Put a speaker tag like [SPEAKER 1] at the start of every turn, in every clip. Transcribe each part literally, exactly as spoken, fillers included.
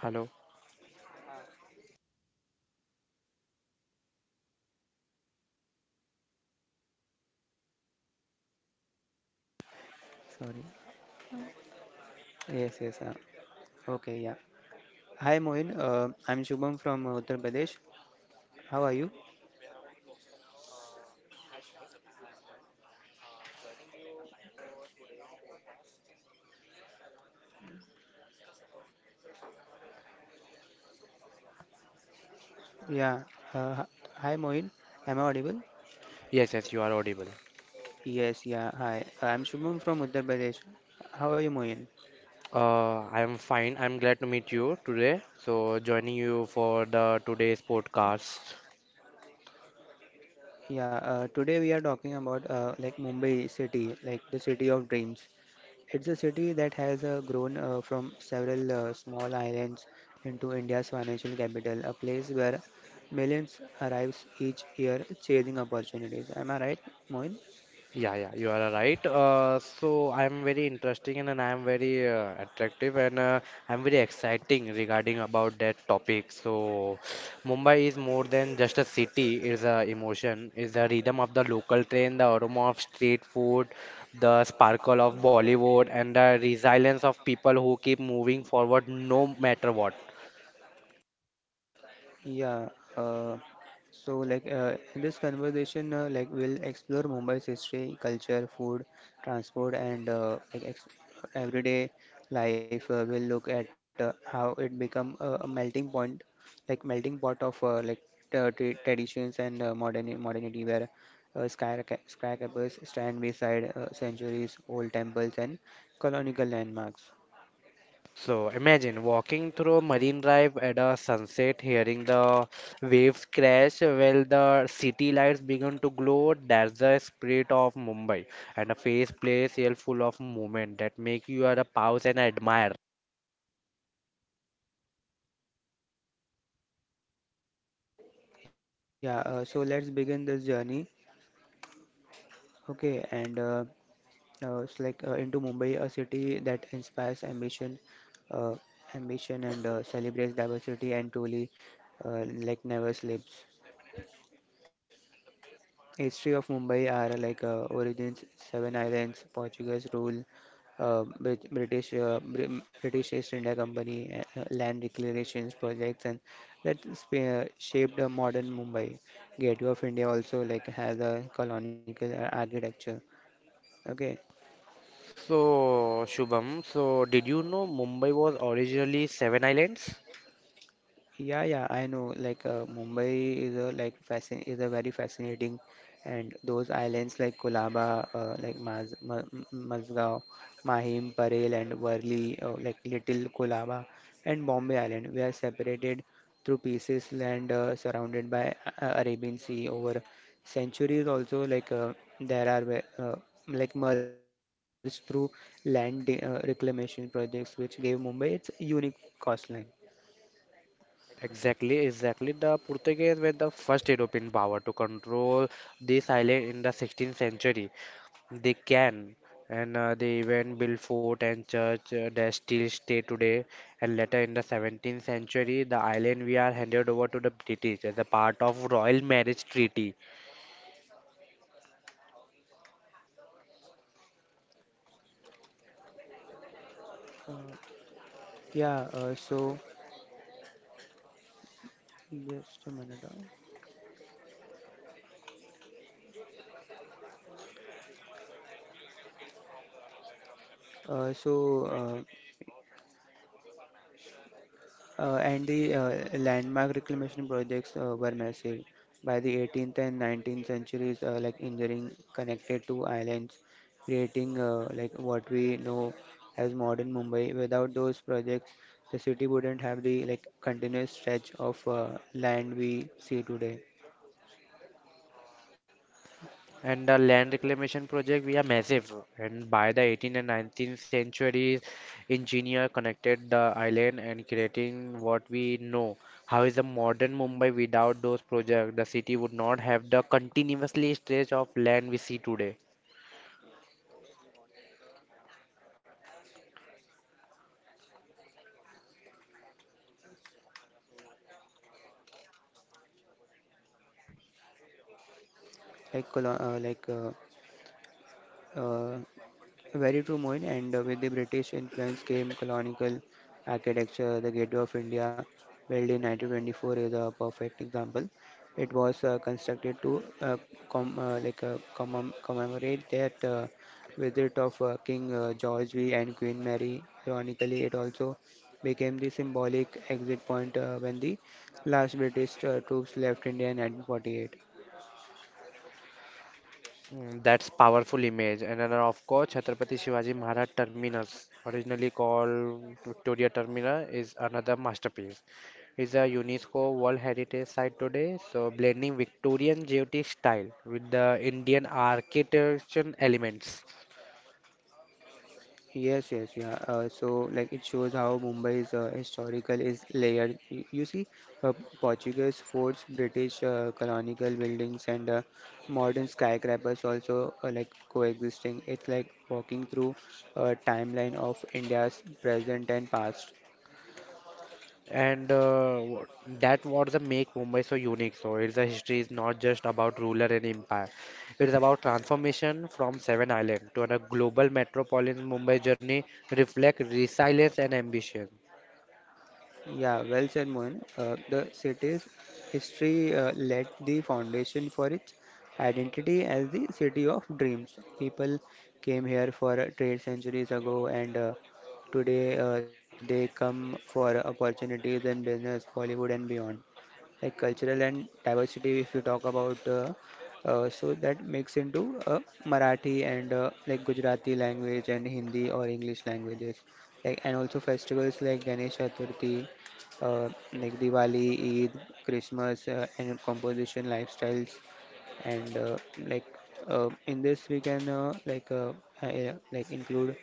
[SPEAKER 1] Hello.
[SPEAKER 2] Sorry. Yes, yes. Uh, okay, yeah. Hi, Moin. Uh, I'm Shubham from uh, Uttar Pradesh. How are you? Yeah. Uh, Hi, Moin. Am I audible?
[SPEAKER 1] Yes, yes, you are audible.
[SPEAKER 2] Yes, yeah. Hi. Uh, I'm Shubham from Uttar Pradesh. How are you, Moin?
[SPEAKER 1] Uh, I am fine. I'm glad to meet you today. So, joining you for the today's podcast.
[SPEAKER 2] Yeah. Uh, today we are talking about uh, like Mumbai city, like the city of dreams. It's a city that has uh, grown uh, from several uh, small islands into India's financial capital, a place where millions arrives each year chasing opportunities. Am I right, Moin?
[SPEAKER 1] Yeah, yeah, you are right. Uh, so I am very interesting and, and I am very uh, attractive and uh, I am very exciting regarding about that topic. So Mumbai is more than just a city. It's a emotion. It's the rhythm of the local train, the aroma of street food, the sparkle of Bollywood, and the resilience of people who keep moving forward no matter what.
[SPEAKER 2] Yeah, uh, so like uh, in this conversation, uh, like we'll explore Mumbai's history, culture, food, transport, and uh, like ex everyday life. Uh, we'll look at uh, how it become a, a melting point, like melting pot of uh, like tra tra- traditions and uh, modern modernity, where uh, skyra- skyscrapers stand beside uh, centuries old temples and colonial landmarks.
[SPEAKER 1] So imagine walking through Marine Drive at a sunset, hearing the waves crash while the city lights begin to glow. That's the spirit of Mumbai, and a face place here full of movement that make you are a pause and admire.
[SPEAKER 2] Yeah, uh, so let's begin this journey. Okay, and uh, uh, it's like uh, into Mumbai, a city that inspires ambition, uh, ambition and uh, celebrates diversity and truly uh, like never sleeps. History of Mumbai are like uh, origins, seven islands, Portuguese rule, uh, Brit- British uh, Br- British East India Company, uh, uh, land declarations projects, and that sp- uh, shaped a modern Mumbai. Gateway of India also like has a colonial uh, architecture. Okay.
[SPEAKER 1] So Shubham, so did you know Mumbai was originally seven islands?
[SPEAKER 2] Yeah, yeah, I know. Like uh, Mumbai is a like fascin is a very fascinating, and those islands like Kolaba, uh, like Maz Ma M- Mazgaon, Mahim, Parel, and Worli, uh, like Little Kolaba, and Bombay Island, we are separated through pieces land uh, surrounded by uh, Arabian Sea over centuries. Also, like uh, there are ve- uh, like merged through land de- uh, reclamation projects, which gave Mumbai its unique coastline.
[SPEAKER 1] Exactly, exactly. The Portuguese were the first European power to control this island in the sixteenth century. They can, and uh, they even built fort and church uh, that still stay today. And later in the seventeenth century, the island we are handed over to the British as a part of Royal Marriage Treaty.
[SPEAKER 2] Yeah, uh, so just a minute. Uh, uh, so, uh, uh, and the uh, landmark reclamation projects uh, were massive by the eighteenth and nineteenth centuries, uh, like engineering connected to islands, creating uh, like what we know as modern Mumbai. Without those projects, the city wouldn't have the like continuous stretch of uh, land we see today,
[SPEAKER 1] And the land reclamation project we are massive. And by the eighteenth and nineteenth centuries, engineer connected the island and creating what we know. How is a modern Mumbai without those projects? The city would not have the continuously stretch of land we see today.
[SPEAKER 2] like colo- uh, like uh, uh, very true, Moin. And uh, with the British influence came colonial architecture. The Gateway of India, built in nineteen twenty-four, is a perfect example. It was uh, constructed to uh, com uh, like uh, commem commemorate that uh, visit of uh, King uh, George five and Queen Mary. Ironically, it also became the symbolic exit point uh, when the last British uh, troops left India in nineteen forty-eight.
[SPEAKER 1] Mm, that's powerful image. And then of course, Chhatrapati Shivaji Maharaj Terminus, originally called Victoria Terminus, is another masterpiece. It's a UNESCO World Heritage Site today, so blending Victorian Geotic style with the Indian architecture elements.
[SPEAKER 2] Yes, yes, yeah. Uh, so, like, it shows how Mumbai's uh, historical is layered. Y- You see, uh, Portuguese forts, British uh, colonial buildings, and uh, modern skyscrapers also uh, like coexisting. It's like walking through a timeline of India's present and past.
[SPEAKER 1] And uh, what- that what the make Mumbai so unique. So it's a history is not just about ruler and empire. It is about transformation from seven island to a global metropolitan Mumbai journey reflect resilience and ambition.
[SPEAKER 2] Yeah, well said, Moin. Uh, the city's history uh, laid the foundation for its identity as the city of dreams. People came here for uh, trade centuries ago, and uh, today uh, they come for opportunities in business, Bollywood, and beyond like cultural and diversity if you talk about uh, uh, so that makes into uh, Marathi and uh, like Gujarati language and Hindi or English languages like and also festivals like Ganesh Chaturthi, uh, like Diwali, Eid, Christmas, uh, and composition lifestyles and uh, like uh, in this we can uh, like uh, uh, yeah, like include,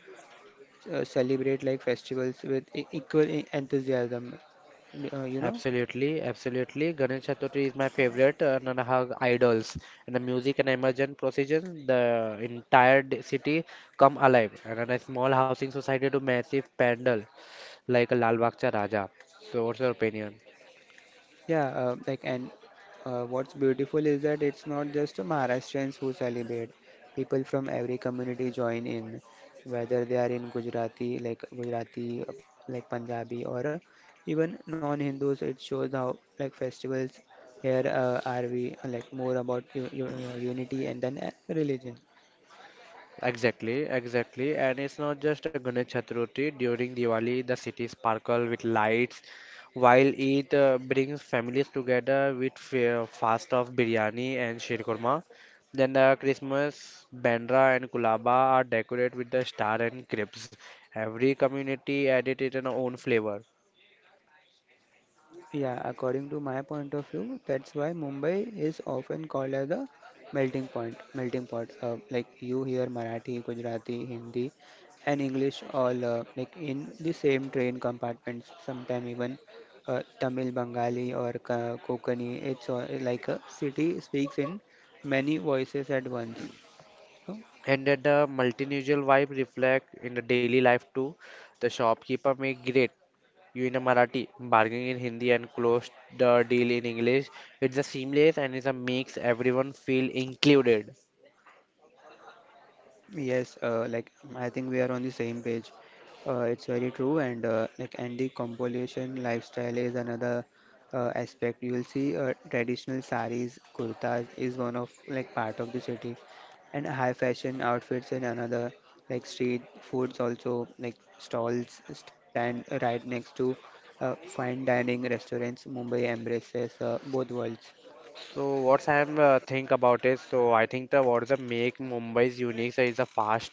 [SPEAKER 2] uh, celebrate like festivals with e- equal e- enthusiasm, uh, you know
[SPEAKER 1] Absolutely, absolutely. Ganesh Chaturthi is my favorite uh, and her idols. And the music and emergent procession, the entire d- city come alive. And then a small housing society to massive pandal like a Lal Bagh Cha Raja. So what's your opinion?
[SPEAKER 2] Yeah, uh, like and uh, what's beautiful is that it's not just Maharashtrians who celebrate. People from every community join in, whether they are in Gujarati, like Gujarati, like Punjabi, or even non-Hindus. It shows how like festivals here uh, are we uh, like more about u- u- uh, unity and then uh, religion.
[SPEAKER 1] Exactly, exactly. And it's not just a Ganesh Chaturthi. During Diwali, the city sparkle with lights, while it uh, brings families together with fa- fast of biryani and shirkurma. Then the Christmas, Bandra and Kulaba are decorated with the star and cribs. Every community added it in own flavor.
[SPEAKER 2] Yeah, according to my point of view, that's why Mumbai is often called as the melting point, melting pot. Uh, like you hear Marathi, Gujarati, Hindi, and English all uh, like in the same train compartments. Sometime even uh, Tamil, Bengali, or Ka- Kokani. It's all, like a city speaks in many voices at once.
[SPEAKER 1] And that the multilingual vibe reflect in the daily life too. The shopkeeper make great you in a Marathi, bargaining in Hindi, and close the deal in English. It's a seamless and it's a makes everyone feel included.
[SPEAKER 2] Yes, uh, like um, I think we are on the same page. Uh, it's very true, and uh, like and the compulsion lifestyle is another uh, aspect. You will see uh, traditional saris, kurtas is one of like part of the city, and high fashion outfits in another. Like street foods also like stalls stand right next to uh, fine dining restaurants. Mumbai embraces uh, both worlds.
[SPEAKER 1] So what I am uh, think about is so I think the what is the make Mumbai's unique is a fast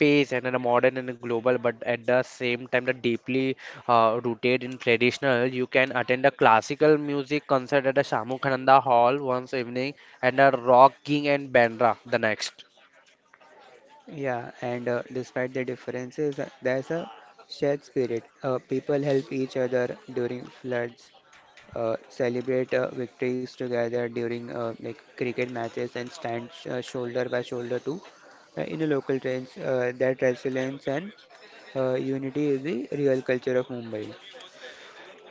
[SPEAKER 1] pace and a modern and a global, but at the same time the deeply uh, rooted in traditional. You can attend a classical music concert at the Shamukhananda Hall once evening and a rock king and Bandra the next.
[SPEAKER 2] Yeah, and uh, despite the differences, uh, there's a shared spirit. Uh, people help each other during floods, uh, celebrate uh, victories together during uh, like cricket matches, and stand sh uh, shoulder by shoulder too. Uh, in a local trains, uh, that resilience and uh, unity is the real culture of Mumbai.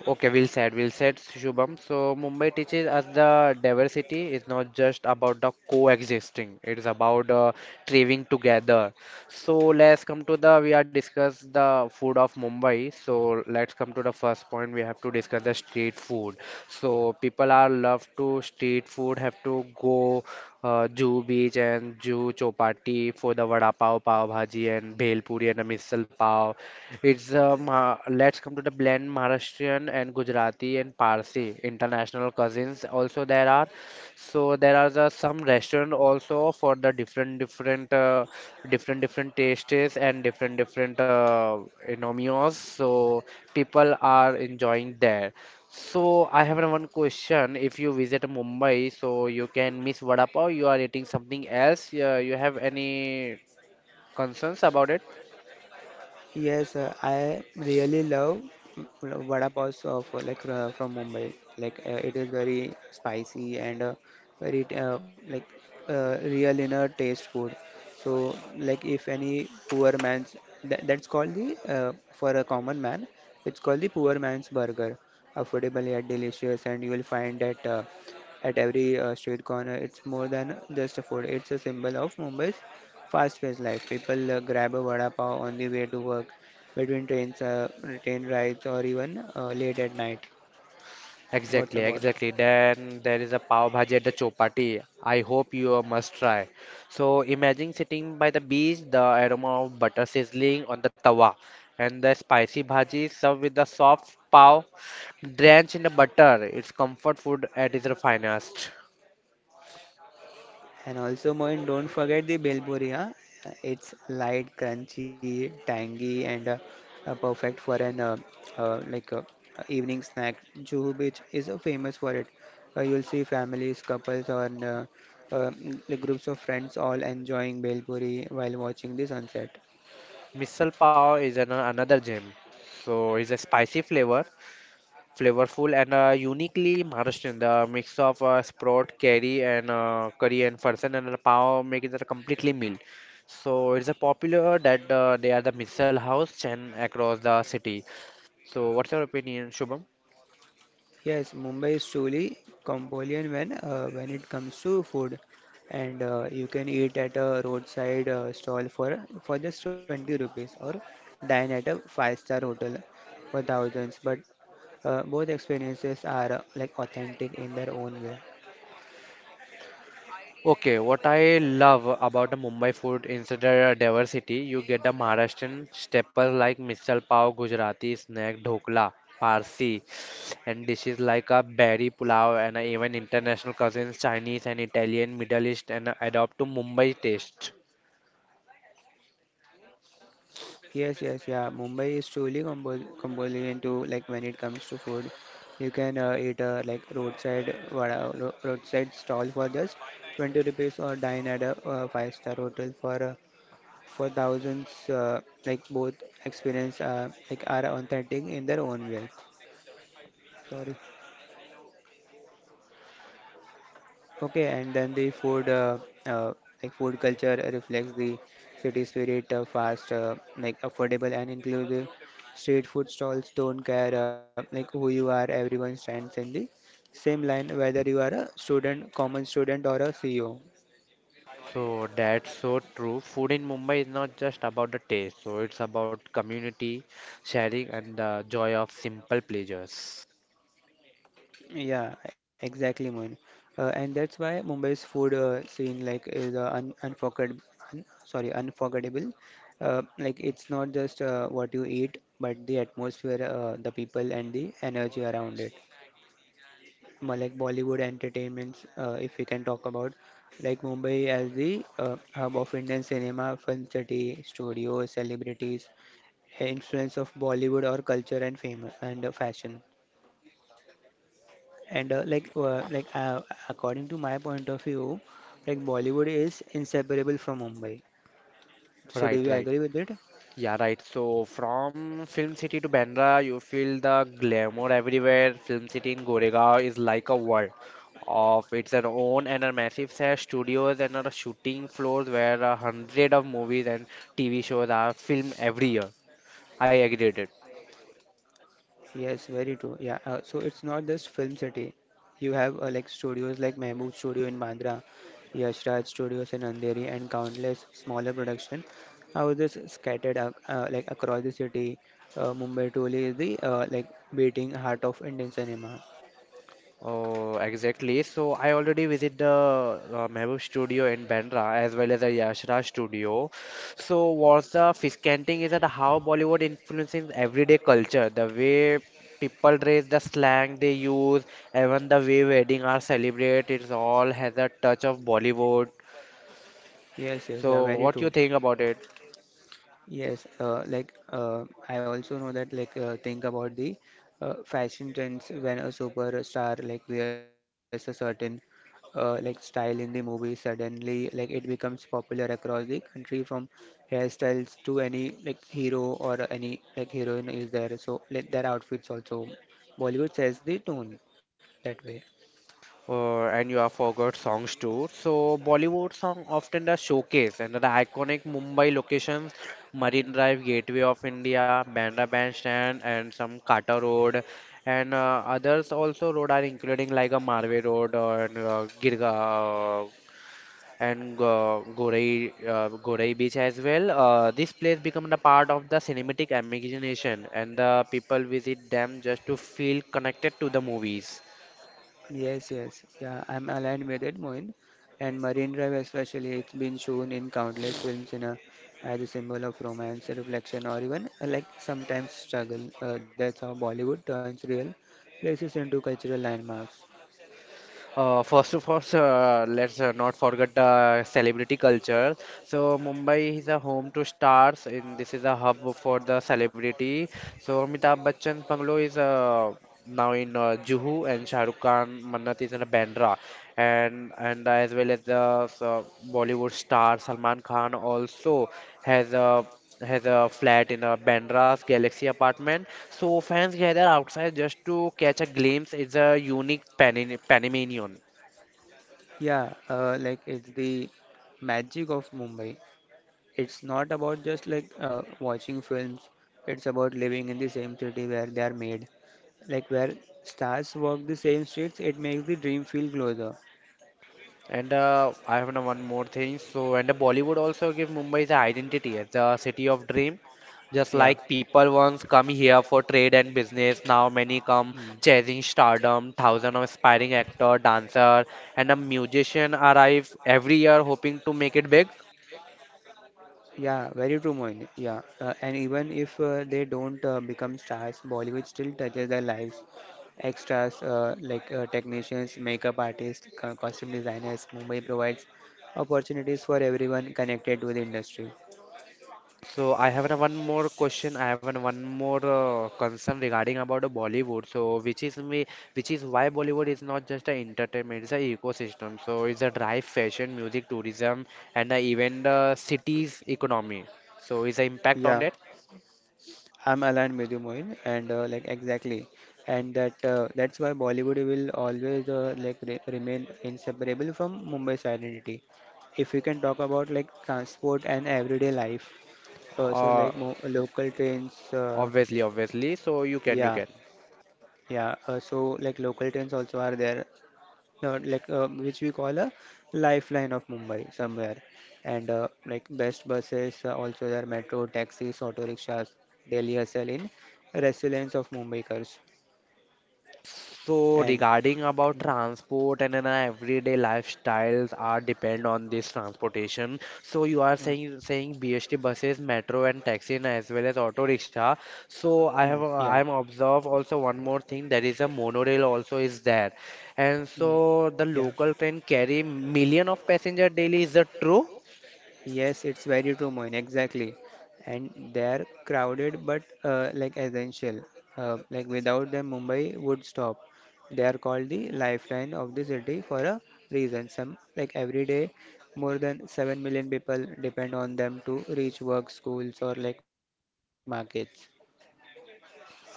[SPEAKER 1] Okay, we'll said, we'll said, Shubham. So Mumbai teaches us the diversity is not just about the coexisting; it is about uh, thriving together. So let's come to the we are discuss the food of Mumbai. So let's come to the first point. We have to discuss the street food. So people are love to street food. Have to go uh, Juhu Beach and Juhu Chopati for the vada pav, pav bhaji, and bhel puri and a misal pav. It's um, uh, Ma let's come to the blend Maharashtrian and Gujarati and Parsi international cousins also there are. So there are the, some restaurant also for the different different uh, different different tastes and different different uh, you know, meals. So people are enjoying there. So I have one question. If you visit Mumbai, so you can miss vada pav. You are eating something else. Uh, you have any concerns about it?
[SPEAKER 2] Yes, uh, I really love uh, vada paos of uh, like uh, from Mumbai. Like uh, it is very spicy and uh, very uh, like uh, real inner taste food. So like if any poor man's that, that's called the uh, for a common man, it's called the poor man's burger. Affordable yet delicious, and you will find that uh, at every uh, street corner. It's more than just a food. It's a symbol of Mumbai's fast-paced life. People uh, grab a vada pav on the way to work, between trains, uh, train rides, or even uh, late at night. What's
[SPEAKER 1] Exactly,
[SPEAKER 2] about?
[SPEAKER 1] exactly. Then there is a pav bhaji at the Chopati. I hope you must try. So imagine sitting by the beach, the aroma of butter sizzling on the tawa, and the spicy bhaji served with the soft pav drenched in the butter. It's comfort food at its finest.
[SPEAKER 2] And also, Moin, don't forget the bel puri. Huh? It's light, crunchy, tangy, and uh, uh, perfect for an uh, uh, like uh, evening snack. Juhu Beach is uh, famous for it. Uh, you'll see families, couples, or uh, uh, like groups of friends all enjoying bel puri while watching the sunset.
[SPEAKER 1] Misal pav is an, another gem. So it's a spicy flavor flavorful and uh, uniquely Maharashtrian. The mix of uh, sprout, curry, and uh, curry and farsan and the pav make it a completely meal. So it's a popular that uh, they are the missile house chain across the city. So what's your opinion, Shubham?
[SPEAKER 2] Yes, Mumbai is truly Cambodian when uh, when it comes to food, and uh, you can eat at a roadside uh, stall for for just twenty rupees or dine at a five-star hotel for thousands. But uh, both experiences are uh, like authentic in their own way.
[SPEAKER 1] Okay, what I love about the Mumbai food is the diversity. You get the Maharashtrian staples like misal pav, Gujarati snack, dhokla, Parsi, and dishes like a berry pulao, and even international cousins, Chinese and Italian, Middle East, and adopt to Mumbai taste.
[SPEAKER 2] Yes, yes, yeah. Mumbai is truly Cambo- Cambodian too. Like when it comes to food, you can uh, eat a like roadside vada, ro- roadside stall for just twenty rupees or dine at a uh, five-star hotel for uh, for thousands, uh, like both experience uh, like are authentic in their own way. Sorry. Okay, and then the food uh, uh, like food culture reflects the city spirit, uh, fast, uh, like affordable and inclusive. Street food stalls don't care uh, like who you are, everyone stands in the same line whether you are a student common student or a CEO.
[SPEAKER 1] So that's so true. Food in Mumbai is not just about the taste, so it's about community, sharing, and the joy of simple pleasures.
[SPEAKER 2] Yeah, exactly, Moin. Uh, and that's why Mumbai's food uh, scene like is uh, un unforgettable, un sorry, unforgettable. Uh, like it's not just uh, what you eat, but the atmosphere, uh, the people, and the energy around it. More like Bollywood entertainments, uh, if we can talk about, like Mumbai as the uh, hub of Indian cinema, film city, studios, celebrities, influence of Bollywood or culture and fame and uh, fashion. And uh, like uh, like uh, According to my point of view, like Bollywood is inseparable from Mumbai. So do
[SPEAKER 1] Right,
[SPEAKER 2] you
[SPEAKER 1] right.
[SPEAKER 2] agree with it?
[SPEAKER 1] Yeah, right. So from Film City to Bandra, you feel the glamour everywhere. Film City in Goregaon is like a world of its own and a massive set of studios and a shooting floors where a hundred of movies and T V shows are filmed every year. I agreed it.
[SPEAKER 2] Yes, very true. Yeah. Uh, so it's not just film city. You have uh, like studios like Mehboob Studio in Bandra, Yash Raj Studios in Andheri, and countless smaller production are just scattered ac- uh, like across the city. Uh, Mumbai truly is the uh, like beating heart of Indian cinema.
[SPEAKER 1] Oh, exactly. So I already visit the uh, Mehboob studio in Bandra as well as the Yash Raj studio. So what's the fish canting is that how Bollywood influences everyday culture, the way people dress, the slang they use, even the way wedding are celebrated, it's all has a touch of Bollywood.
[SPEAKER 2] Yes, yes, yeah,
[SPEAKER 1] So
[SPEAKER 2] very
[SPEAKER 1] what you
[SPEAKER 2] true.
[SPEAKER 1] think about it?
[SPEAKER 2] Yes, uh, like uh, I also know that like uh, think about the uh, fashion trends when a superstar like wears a certain uh, like style in the movie, suddenly like it becomes popular across the country, from hairstyles to any like hero or any like heroine is there, so like their outfits also Bollywood sets the tone that way.
[SPEAKER 1] Uh, and you have forgot songs too. So Bollywood song often the showcase and the iconic Mumbai locations, Marine Drive, Gateway of India, Bandra Bandstand, and some Kata Road, and uh, others also road are including like a Marve Road or uh, Girga. Uh, and uh, Gorai, uh, Gorai Beach as well. Uh, this place become the part of the cinematic imagination, and the people visit them just to feel connected to the movies.
[SPEAKER 2] Yes, yes. Yeah, I'm aligned with it, Moin. And Marine Drive especially, it's been shown in countless films in a, as a symbol of romance, reflection, or even uh, like sometimes struggle. Uh, that's how Bollywood turns real places into cultural landmarks.
[SPEAKER 1] Uh, first of all, sir, let's uh, not forget the celebrity culture. So Mumbai is a home to stars, and this is a hub for the celebrity. So Amitabh Bachchan's bungalow is uh, now in uh, Juhu, and Shah Rukh Khan, Mannat is in Bandra, and and as well as the uh, Bollywood star Salman Khan also has a has a flat in a Bandra's Galaxy apartment. So fans gather outside just to catch a glimpse. It's a unique Panin Panamanian.
[SPEAKER 2] Yeah, uh, like it's the magic of Mumbai. It's not about just like uh, watching films. It's about living in the same city where they are made. Like where stars walk the same streets, it makes the dream feel closer.
[SPEAKER 1] And uh, I have now one more thing. So and uh, Bollywood also give Mumbai's identity as the city of dream. Just
[SPEAKER 2] Yeah.
[SPEAKER 1] like people once come here for trade and business, now many come
[SPEAKER 2] Mm.
[SPEAKER 1] chasing stardom. Thousands of aspiring actor, dancer, and a musician arrive every year hoping to make it big.
[SPEAKER 2] Yeah, very true, Moin. Yeah, uh, and even if uh, they don't uh, become stars, Bollywood still touches their lives. Extras, uh, like uh, technicians, makeup artists, co- costume designers, Mumbai provides opportunities for everyone connected to the industry.
[SPEAKER 1] So I have an- one more question. I have an- one more uh, concern regarding about the Bollywood. So which is me, which is why Bollywood is not just an entertainment; it's an ecosystem. So it's a drive, fashion, music, tourism, and uh, even the city's economy. So is the impact on
[SPEAKER 2] Yeah,
[SPEAKER 1] that?
[SPEAKER 2] I'm aligned with you, Mohin, and uh, like exactly, and that uh, that's why Bollywood will always uh, like re remain inseparable from Mumbai's identity. If we can talk about like transport and everyday life, uh, so
[SPEAKER 1] Uh,
[SPEAKER 2] like mo local trains, uh,
[SPEAKER 1] Obviously, obviously. So you can, you
[SPEAKER 2] yeah,
[SPEAKER 1] can.
[SPEAKER 2] yeah. Uh, so like local trains also are there, uh, like uh, which we call a lifeline of Mumbai somewhere. And uh, like best buses, uh, also there are metro, taxis, auto rickshaws, daily hustle in resilience of Mumbaikars.
[SPEAKER 1] So
[SPEAKER 2] And
[SPEAKER 1] regarding about
[SPEAKER 2] mm,
[SPEAKER 1] transport and in everyday lifestyles are depend on this transportation. So you are
[SPEAKER 2] mm,
[SPEAKER 1] saying saying B S T buses, metro and taxi and as well as auto rickshaw. So I have
[SPEAKER 2] mm, yeah,
[SPEAKER 1] I'm observe also one more thing that is a monorail also is there. And
[SPEAKER 2] mm,
[SPEAKER 1] so the
[SPEAKER 2] yeah.
[SPEAKER 1] local train carry million of passenger daily. Is that true?
[SPEAKER 2] Yes, it's very true, Moin. Exactly, and they're crowded but uh, like essential. Uh, like without them, Mumbai would stop. They are called the lifeline of the city for a reason. Some like Every day, more than seven million people depend on them to reach work, schools, or like markets.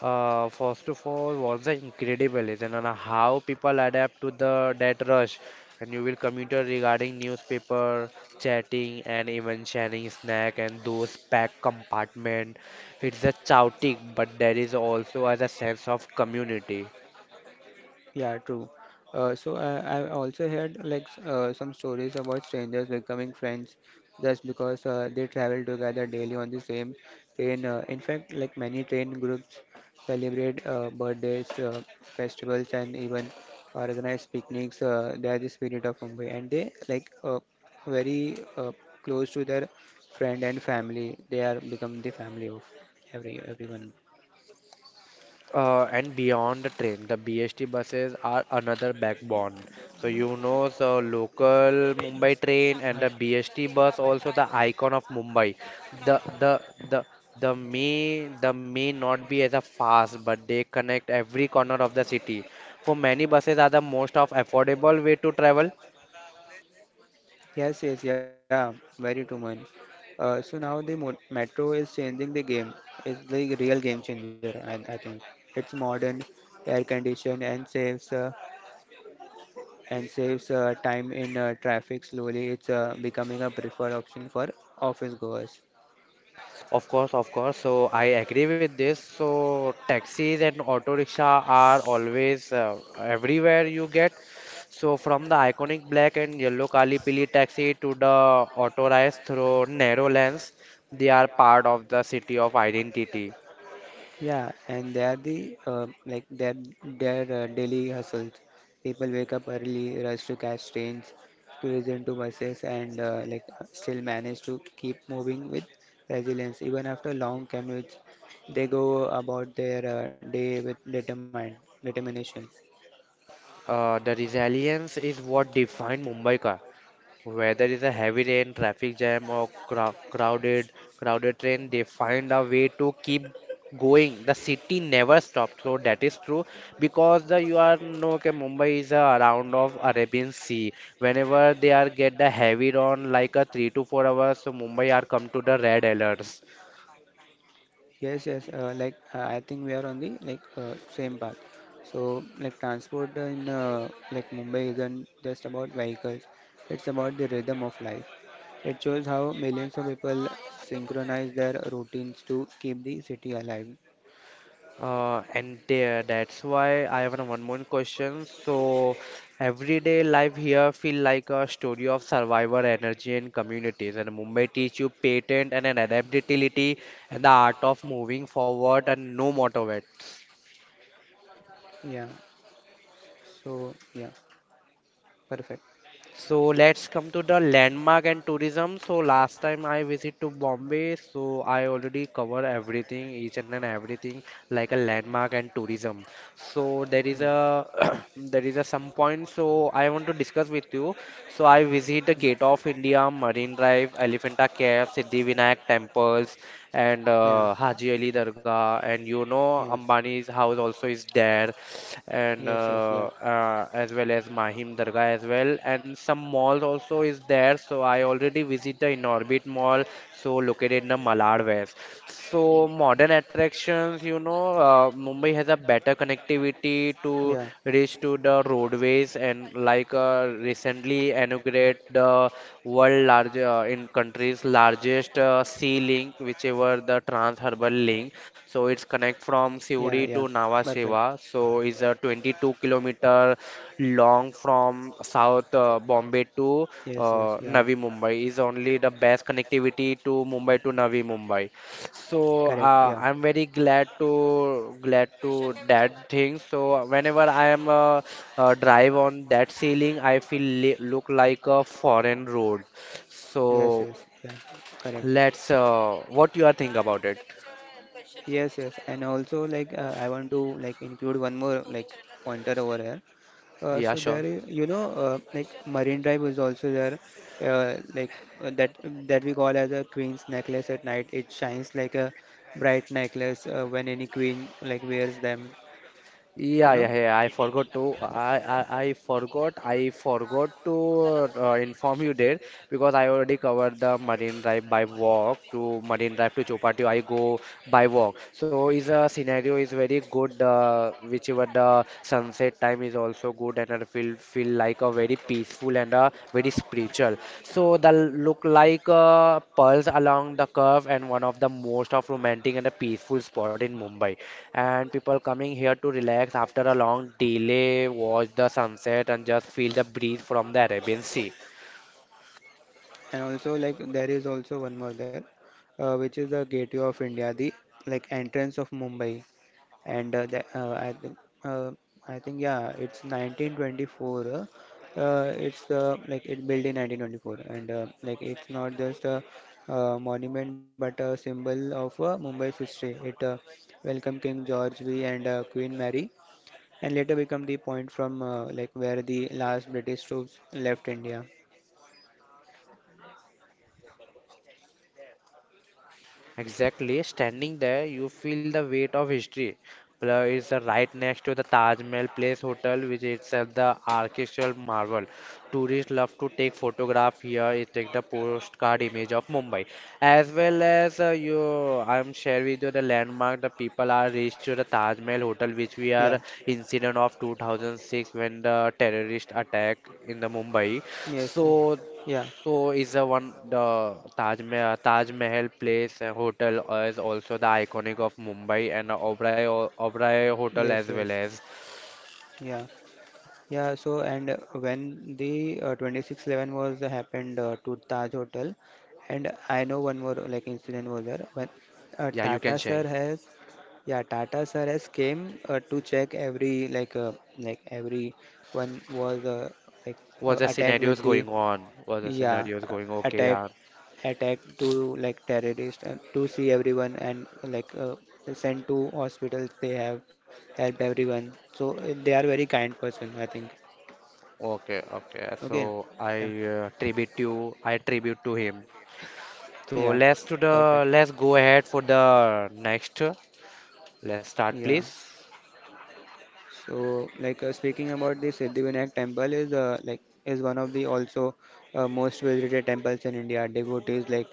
[SPEAKER 1] Uh, first of all, was the incredible is and on how people adapt to the that rush, and you will commuter regarding newspaper, chatting, and even sharing snack and those packed compartment. It's a chaotic, but there is also as a sense of community.
[SPEAKER 2] Yeah, true. Uh, so I, I also heard like s- uh, some stories about strangers becoming friends just because uh, they travel together daily on the same train. Uh, in fact, like many train groups celebrate uh, birthdays, uh, festivals, and even organize picnics. Uh, they are the spirit of Mumbai, and they like uh, very uh, close to their friend and family. They are become the family of every everyone.
[SPEAKER 1] Uh, and beyond the train, the B S T buses are another backbone. So you know, so local Mumbai train and the B S T bus also the icon of Mumbai. The the the the may the may not be as a fast, but they connect every corner of the city. For many buses are the most of affordable way to travel.
[SPEAKER 2] Yes, yes, yeah, very true, man. Uh, so now the mo Metro is changing the game. It's the real game changer, and I I think it's modern, air conditioned, and saves uh, and saves uh, time in uh, traffic. Slowly, it's uh, becoming a preferred option for office goers.
[SPEAKER 1] Of course, of course. So I agree with this. So taxis and auto rickshaw are always uh, everywhere you get. So from the iconic black and yellow Kalipili taxi to the auto rides through narrow lanes, they are part of the city of identity.
[SPEAKER 2] Yeah, and they are the uh, like their their uh, daily hustles. People wake up early, rush to catch trains, squeeze into buses, and uh, like uh, still manage to keep moving with resilience. Even after long commutes, they go about their uh, day with determined determination.
[SPEAKER 1] Uh, the resilience is what defined Mumbai. Whether it's a heavy rain, traffic jam, or crow- crowded crowded train, they find a way to keep going. The city never stops. So that is true because the you are know okay, Mumbai is a around of Arabian Sea. Whenever they are get the heavy rain like a three to four hours, so Mumbai are come to the red alerts.
[SPEAKER 2] Yes, yes. Uh, like uh, I think we are on the like uh, same path. So like transport in uh, like Mumbai isn't just about vehicles. It's about the rhythm of life. It shows how millions of people synchronize their routines to keep the city alive.
[SPEAKER 1] Uh, and there, that's why I have one more question. So, everyday life here feel like a story of survivor energy and communities. And Mumbai teach you patience and an adaptability and the art of moving forward and no matter what.
[SPEAKER 2] Yeah. So yeah, perfect.
[SPEAKER 1] So let's come to the landmark and tourism. So last time I visit to Bombay, so I already cover everything, each and an everything like a landmark and tourism. So there is
[SPEAKER 2] Mm.
[SPEAKER 1] a there is a some point. So I want to discuss with you. So I visit the
[SPEAKER 2] Mm.
[SPEAKER 1] Gate of India, Marine Drive, Elephanta Cave, Siddhivinayak temples and
[SPEAKER 2] Yeah.
[SPEAKER 1] uh, Haji Ali Dargah, and you know
[SPEAKER 2] Yes.
[SPEAKER 1] Ambani's house also is there, and
[SPEAKER 2] Yes. Yes.
[SPEAKER 1] uh,
[SPEAKER 2] Yeah.
[SPEAKER 1] uh, as well as Mahim Dargah as well, and some malls also is there. So I already visit the Inorbit Mall, so located in the Malad West. So modern attractions, you know, uh, Mumbai has a better connectivity to
[SPEAKER 2] Yeah.
[SPEAKER 1] reach to the roadways and like uh, recently inaugurated the world large uh, in country's largest uh, sea link, whichever the trans-urban link. So it's connect from Siuri
[SPEAKER 2] Yeah.
[SPEAKER 1] to
[SPEAKER 2] Yeah.
[SPEAKER 1] Nhava
[SPEAKER 2] Perfect.
[SPEAKER 1] Sheva. So it's a twenty-two kilometer long from South uh, Bombay to
[SPEAKER 2] Yes. Yes.
[SPEAKER 1] uh,
[SPEAKER 2] Yeah.
[SPEAKER 1] Navi Mumbai. Is only the best connectivity to Mumbai to Navi Mumbai. So
[SPEAKER 2] Correct.
[SPEAKER 1] uh,
[SPEAKER 2] Yeah.
[SPEAKER 1] I'm very glad to glad to that thing. So whenever I am uh, uh, drive on that ceiling, I feel li look like a foreign road.
[SPEAKER 2] Yes,
[SPEAKER 1] So
[SPEAKER 2] yes. Yeah. Correct.
[SPEAKER 1] let's uh, what you are think about it?
[SPEAKER 2] Yes, yes. And also, like, uh, I want to like include one more like pointer over here. Uh,
[SPEAKER 1] Yeah,
[SPEAKER 2] so
[SPEAKER 1] sure.
[SPEAKER 2] there, is, you know, uh, Like Marine Drive is also there, uh, like uh, that that we call as a queen's necklace at night. It shines like a bright necklace uh, when any queen like wears them,
[SPEAKER 1] Yeah,
[SPEAKER 2] you
[SPEAKER 1] yeah,
[SPEAKER 2] know.
[SPEAKER 1] yeah. I forgot to. I, I, I forgot. I forgot to uh, inform you there because I already covered the Marine Drive by walk to Marine Drive to Chopati. I go by walk. So is a scenario is very good. Uh, whichever the sunset time is also good and partner will feel like a very peaceful and a very spiritual. So the look like uh, pearls along the curve and one of the most of romantic and a peaceful spot in Mumbai. And people coming here to relax after a long delay, watch the sunset and just feel the breeze from the Arabian Sea.
[SPEAKER 2] And also, like there is also one more there, uh, which is the Gateway of India, the like entrance of Mumbai. And uh, the, uh, I think uh, I think yeah, it's nineteen twenty-four. Uh, uh, it's uh, Like it built in nineteen twenty-four, and uh, like it's not just a uh, monument but a symbol of uh, Mumbai's history. It uh, welcomed King George five and uh, Queen Mary, and later become the point from uh, like where the last British troops left India.
[SPEAKER 1] Exactly, standing there, you feel the weight of history. Plus, it's uh, right next to the Taj Mahal Place Hotel, which is itself the architectural marvel. Tourists love to take photograph here. It take the postcard image of Mumbai, as well as uh, you. I'm share with you the landmark. The people are reached to the Taj Mahal Hotel, which
[SPEAKER 2] Yeah.
[SPEAKER 1] we are incident of two thousand six when the terrorist attack in the Mumbai.
[SPEAKER 2] Yes. uh,
[SPEAKER 1] So
[SPEAKER 2] Yeah.
[SPEAKER 1] so is the one the Taj Mahal, Taj Mahal Place uh, Hotel uh, is also the iconic of Mumbai and uh, Oberoi Oberoi Hotel
[SPEAKER 2] Yes.
[SPEAKER 1] as well
[SPEAKER 2] Yes.
[SPEAKER 1] as
[SPEAKER 2] Yeah. Yeah, so and uh, when the uh, twenty six eleven was uh, happened uh, to Taj Hotel, and I know one more like incident was there when uh,
[SPEAKER 1] yeah you can
[SPEAKER 2] Tata
[SPEAKER 1] share
[SPEAKER 2] sir has yeah Tata sir has came uh, to check every like uh, like every one was uh, like
[SPEAKER 1] what
[SPEAKER 2] uh,
[SPEAKER 1] the
[SPEAKER 2] attacked with
[SPEAKER 1] scenarios
[SPEAKER 2] the
[SPEAKER 1] going on what the
[SPEAKER 2] yeah
[SPEAKER 1] scenarios
[SPEAKER 2] uh,
[SPEAKER 1] going okay
[SPEAKER 2] attack
[SPEAKER 1] yeah
[SPEAKER 2] attack to like terrorist and to see everyone and like uh, sent to hospitals. They have helped everyone, so uh, they are very kind person, I think.
[SPEAKER 1] okay okay
[SPEAKER 2] Okay.
[SPEAKER 1] so I
[SPEAKER 2] Yeah.
[SPEAKER 1] uh, tribute you I tribute to him so
[SPEAKER 2] Yeah.
[SPEAKER 1] let's to the
[SPEAKER 2] Perfect.
[SPEAKER 1] let's go ahead for the next let's start
[SPEAKER 2] Yeah.
[SPEAKER 1] please.
[SPEAKER 2] So, like uh, speaking about the Siddhivinayak temple is uh, like is one of the also uh, most visited temples in India. Devotees like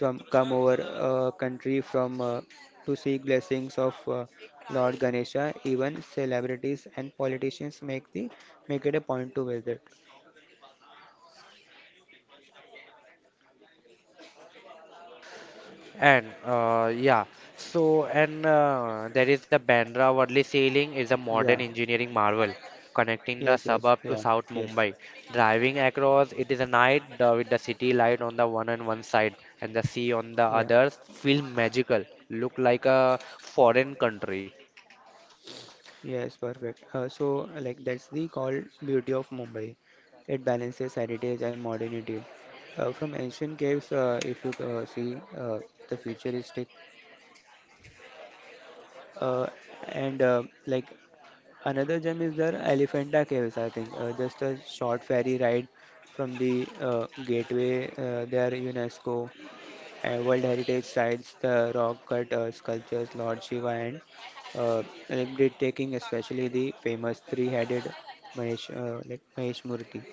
[SPEAKER 2] from come over uh, country from uh, to seek blessings of uh, Lord Ganesha. Even celebrities and politicians make the make it a point to visit.
[SPEAKER 1] And uh, yeah, so and uh, there is the Bandra Worli Sailing is a modern
[SPEAKER 2] Yeah.
[SPEAKER 1] engineering marvel connecting the
[SPEAKER 2] Yes.
[SPEAKER 1] suburb
[SPEAKER 2] Yes.
[SPEAKER 1] to
[SPEAKER 2] Yeah.
[SPEAKER 1] South
[SPEAKER 2] Yes.
[SPEAKER 1] Mumbai. Driving across, it is a night uh, with the city light on the one and one side and the sea on the
[SPEAKER 2] Yeah.
[SPEAKER 1] others feel magical, look like a foreign country.
[SPEAKER 2] Yes, perfect. Uh, so, uh, like, that's the called beauty of Mumbai. It balances heritage and modernity. Uh, from ancient caves, uh, if you uh, see, uh, the futuristic. Uh, and, uh, like, another gem is there, Elephanta Caves, I think. Uh, just a short ferry ride from the uh, gateway. Uh, they are UNESCO uh, World Heritage Sites, the rock cut uh, sculptures, Lord Shiva, and uh, like breathtaking, especially the famous three-headed Mahesh, uh, like Mahesh Murthy.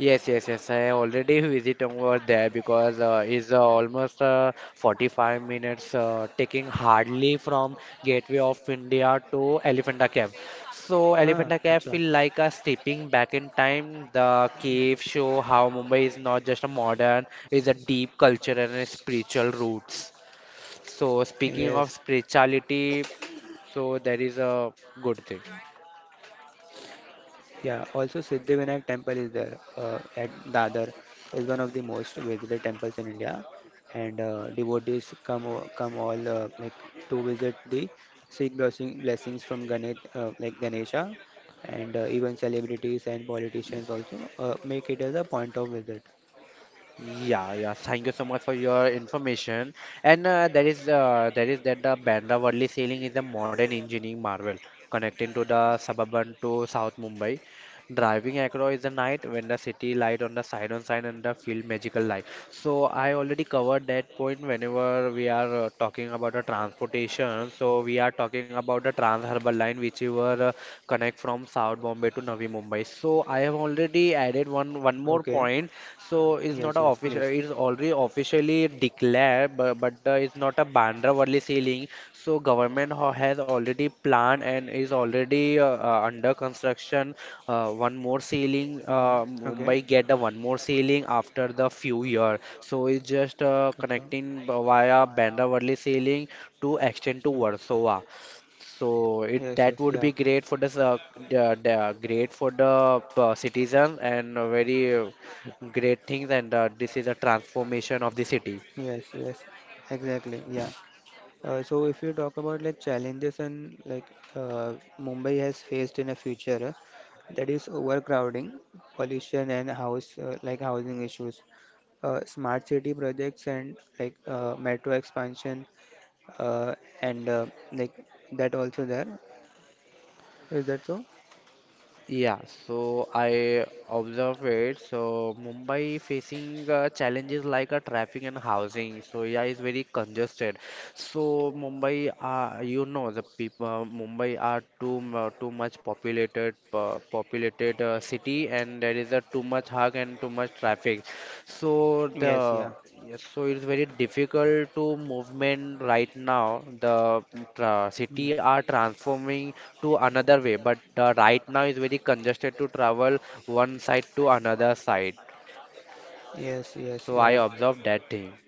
[SPEAKER 1] Yes, yes, yes. I already visit over there because uh, it's uh, almost uh, forty-five minutes uh, taking hardly from Gateway of India to Elephanta Cave. So
[SPEAKER 2] Huh,
[SPEAKER 1] Elephanta Cave
[SPEAKER 2] acha.
[SPEAKER 1] feel like a stepping back in time. The cave show how Mumbai is not just a modern, it's a deep culture and a spiritual roots. So speaking of
[SPEAKER 2] Yes.
[SPEAKER 1] spirituality, so that is a good thing.
[SPEAKER 2] Yeah, also Siddhivinayak temple is there uh, at Dadar, is one of the most visited temples in India, and uh, devotees come o- come all uh, like to visit the seek blessing, blessings from Ganesh uh, like Ganesha, and uh, even celebrities and politicians also uh, make it as a point of visit.
[SPEAKER 1] Yeah, yeah. Thank you so much for your information. And uh, there is uh, there is that the Bandra Worli Sailing is a modern engineering marvel connecting to the suburban to South Mumbai driving across the night when the city light on the side on side and the field magical light. So I already covered that point whenever we are uh, talking about the transportation. So we are talking about the Trans Harbour Line, which we were uh, connect from South Bombay to Navi Mumbai. So I have already added one one more
[SPEAKER 2] Okay.
[SPEAKER 1] point. So it's not a
[SPEAKER 2] Yes, yes,
[SPEAKER 1] official.
[SPEAKER 2] please.
[SPEAKER 1] It's already we officially declare, but, but uh, it's not a Bandra Worli ceiling. So government ho- has already planned and is already uh, uh, under construction. Uh, one more ceiling,
[SPEAKER 2] Hmm.
[SPEAKER 1] uh,
[SPEAKER 2] Okay.
[SPEAKER 1] Mumbai get the one more ceiling after the few year. So it's just uh,
[SPEAKER 2] Okay.
[SPEAKER 1] connecting b- via Bandra Worli ceiling to extend to
[SPEAKER 2] Mm.
[SPEAKER 1] Warsaw. So it
[SPEAKER 2] Yes,
[SPEAKER 1] that
[SPEAKER 2] yes,
[SPEAKER 1] would be
[SPEAKER 2] yeah.
[SPEAKER 1] great for the s- uh, the, the great for the uh, citizen and a very uh, great things and uh, this is a transformation of the city.
[SPEAKER 2] Yes, yes. Exactly. Yeah. Uh, so if you talk about like challenges and like uh, Mumbai has faced in the future, uh, that is overcrowding, pollution, and house uh, like housing issues. Uh, smart city projects and like uh, metro expansion uh, and uh, like that also there. Is that so?
[SPEAKER 1] Yeah, so I observe it. So Mumbai facing uh, challenges like uh, traffic and housing. So yeah, it's very congested. So Mumbai, uh, you know, the people uh, Mumbai are too mu- too much populated uh, populated uh, city, and there is a too much hug and too much traffic. So
[SPEAKER 2] Yes, yeah.
[SPEAKER 1] the yes, so it's very difficult to movement right now. The mm, tra
[SPEAKER 2] Hmm.
[SPEAKER 1] city are transforming to another way, but uh, right now is very congested to travel one side to another side.
[SPEAKER 2] Yes, yes,
[SPEAKER 1] So I
[SPEAKER 2] yeah.
[SPEAKER 1] observed that thing.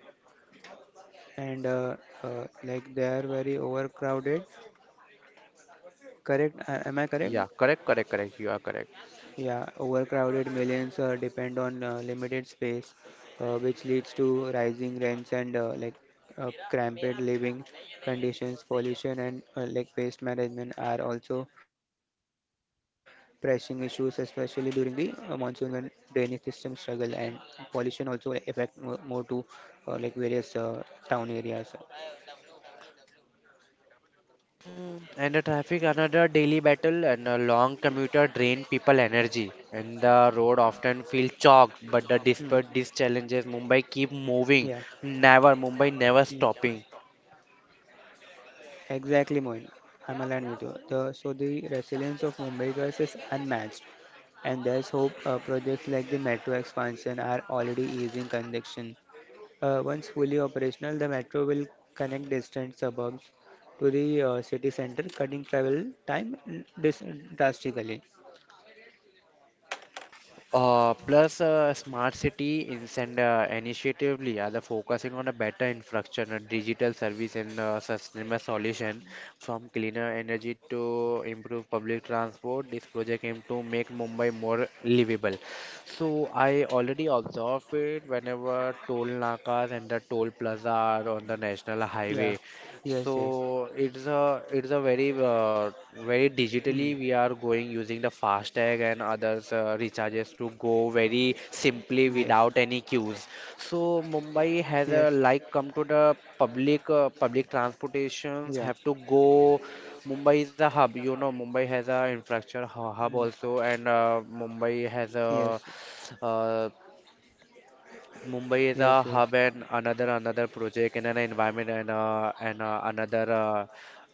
[SPEAKER 2] And uh, uh, like they are very overcrowded. Correct? Uh, am I correct?
[SPEAKER 1] Yeah, correct, correct, correct. You are correct.
[SPEAKER 2] Yeah, overcrowded millions uh, depend on uh, limited space, uh, which leads to rising rents and uh, like uh, cramped living conditions. Pollution and uh, like waste management are also pressing issues, especially during the uh, monsoon when drainage systems struggle. And pollution also like affect more, more to uh, like various uh, town areas.
[SPEAKER 1] Mm, And the traffic, another daily battle, and a long commuter drain people energy, and the road often feel chalk. But the
[SPEAKER 2] Hmm.
[SPEAKER 1] despite these challenges, Mumbai keep
[SPEAKER 2] Yeah.
[SPEAKER 1] moving, never Mumbai
[SPEAKER 2] Hmm.
[SPEAKER 1] never stopping.
[SPEAKER 2] Exactly, Moin. I'm aligned with you. The, so the resilience of Mumbai girls is unmatched, and there's hope uh, projects like the metro expansion are already easing congestion. Uh, once fully operational, the metro will connect distant suburbs to the uh, city center, cutting travel time dis- drastically.
[SPEAKER 1] Uh, plus, uh, smart city is and uh, initiatively are the focusing on a better infrastructure, a digital service, and uh, sustainable solution from cleaner energy to improve public transport. This project aim to make Mumbai more livable. So I already observe it whenever toll nakas and the toll plaza are on the national
[SPEAKER 2] Yeah.
[SPEAKER 1] highway.
[SPEAKER 2] Yes. Yes.
[SPEAKER 1] So it's a it's a very uh, very
[SPEAKER 2] Hmm.
[SPEAKER 1] digitally we are going using the FASTag and others uh, recharges to go very simply
[SPEAKER 2] Yes.
[SPEAKER 1] without any queues. So Mumbai has
[SPEAKER 2] Yes.
[SPEAKER 1] a like come to the public uh, public
[SPEAKER 2] Yeah.
[SPEAKER 1] transportations have to go. Mumbai is a hub, you know. Mumbai has a infrastructure hu-
[SPEAKER 2] Hmm.
[SPEAKER 1] hub also, and uh, Mumbai has
[SPEAKER 2] Yes.
[SPEAKER 1] a uh, Mumbai is
[SPEAKER 2] Yes.
[SPEAKER 1] a
[SPEAKER 2] Yes.
[SPEAKER 1] hub and another another project and an environment and uh, and uh, another uh,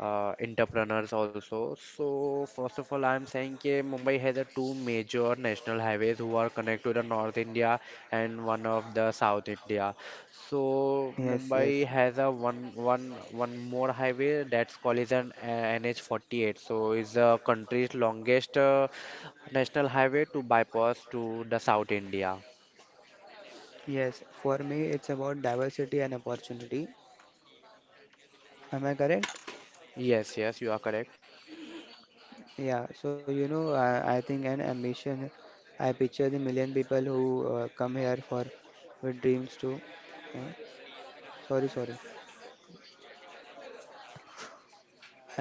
[SPEAKER 1] uh, entrepreneurs also. So first of all, I'm saying that Mumbai has a two major national highways who are connected to the North India and one of the South India. So
[SPEAKER 2] Yes.
[SPEAKER 1] Mumbai
[SPEAKER 2] Yes.
[SPEAKER 1] has a one one one more highway that's called is an uh, N H forty-eight. So it's the country's longest uh, national highway to bypass to the South India.
[SPEAKER 2] Yes, for me, it's about diversity and opportunity. Am I correct?
[SPEAKER 1] Yes, yes, you are correct.
[SPEAKER 2] Yeah, so you know, I, I think an ambition, I picture the million people who uh, come here for with dreams too. Uh, sorry, Sorry.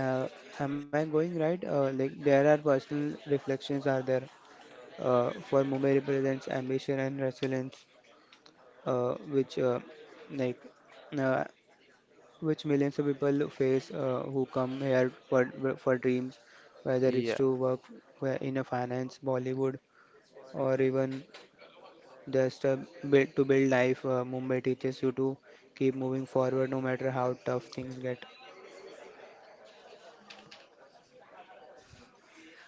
[SPEAKER 2] Uh, am I going right? Uh, like there are personal reflections are there uh, for Mumbai represents ambition and resilience, uh, which uh, like uh, which millions of people face uh, who come here for, for dreams, whether
[SPEAKER 1] Yeah.
[SPEAKER 2] it's to work where- in a finance, Bollywood, or even just uh, build, to build life. Uh, Mumbai teaches you to keep moving forward no matter how tough things get.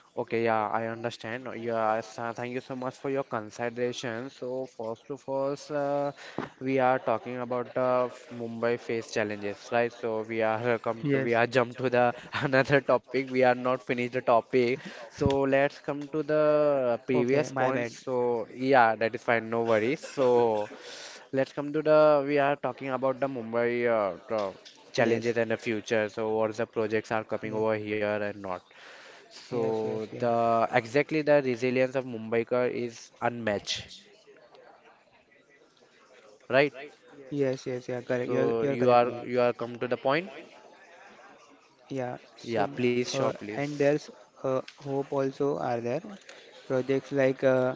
[SPEAKER 1] Okay, yeah, I understand. Yeah, so thank you so much for your consideration. So first to first, uh, we are talking about uh, f- Mumbai face challenges, right? So we are uh, come to, we
[SPEAKER 2] Yes,
[SPEAKER 1] are jump to the another topic. We are not finished the topic. So let's come to the
[SPEAKER 2] okay, my
[SPEAKER 1] previous
[SPEAKER 2] bad.
[SPEAKER 1] points. So yeah, that is fine. No worries. So let's come to the we are talking about the Mumbai uh, tra-
[SPEAKER 2] Yes.
[SPEAKER 1] challenges and the future. So what the projects are coming
[SPEAKER 2] Yeah.
[SPEAKER 1] over here and not.
[SPEAKER 2] Yes,
[SPEAKER 1] So
[SPEAKER 2] yes, yeah.
[SPEAKER 1] the exactly the resilience of Mumbaikar is unmatched, right?
[SPEAKER 2] Yes, yes, yeah, correct. You're,
[SPEAKER 1] So
[SPEAKER 2] you're
[SPEAKER 1] you
[SPEAKER 2] correct,
[SPEAKER 1] are
[SPEAKER 2] Mohit.
[SPEAKER 1] you are come to the point?
[SPEAKER 2] Yeah,
[SPEAKER 1] Yeah,
[SPEAKER 2] so
[SPEAKER 1] please, sure,
[SPEAKER 2] uh, and
[SPEAKER 1] please.
[SPEAKER 2] there's uh, hope also are there projects like uh,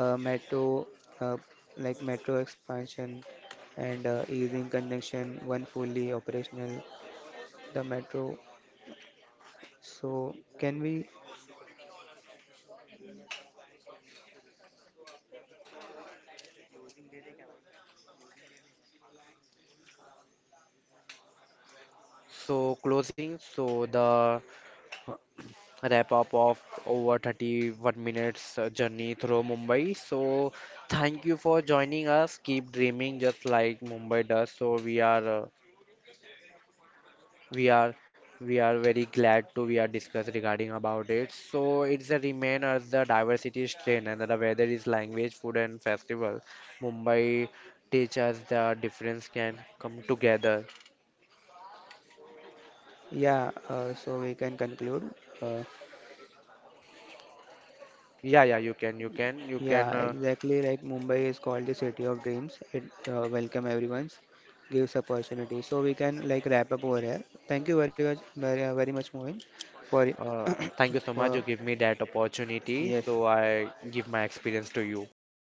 [SPEAKER 2] uh, metro uh, like metro expansion and uh, easing congestion when fully operational the metro so can we
[SPEAKER 1] So closing, so the wrap up of over thirty-one minutes uh, journey through Mumbai. So thank you for joining us. Keep dreaming just like Mumbai does. So we are uh, we are we are very glad to we are discuss regarding about it. So it's a remain as the diversity strain and the weather is language, food and festival. Mumbai teach us the difference can come together.
[SPEAKER 2] yeah uh, so we can conclude uh,
[SPEAKER 1] Yeah, yeah, you can, you can, you
[SPEAKER 2] Yeah,
[SPEAKER 1] can. Uh,
[SPEAKER 2] exactly. Like Mumbai is called the city of dreams. It uh, welcome everyone's, gives opportunity. So we can like wrap up over here. Thank you very much, very, very much, Mohin, for
[SPEAKER 1] uh, thank you so much. You
[SPEAKER 2] for
[SPEAKER 1] give me that opportunity,
[SPEAKER 2] yes,
[SPEAKER 1] so I give my experience to you. Thank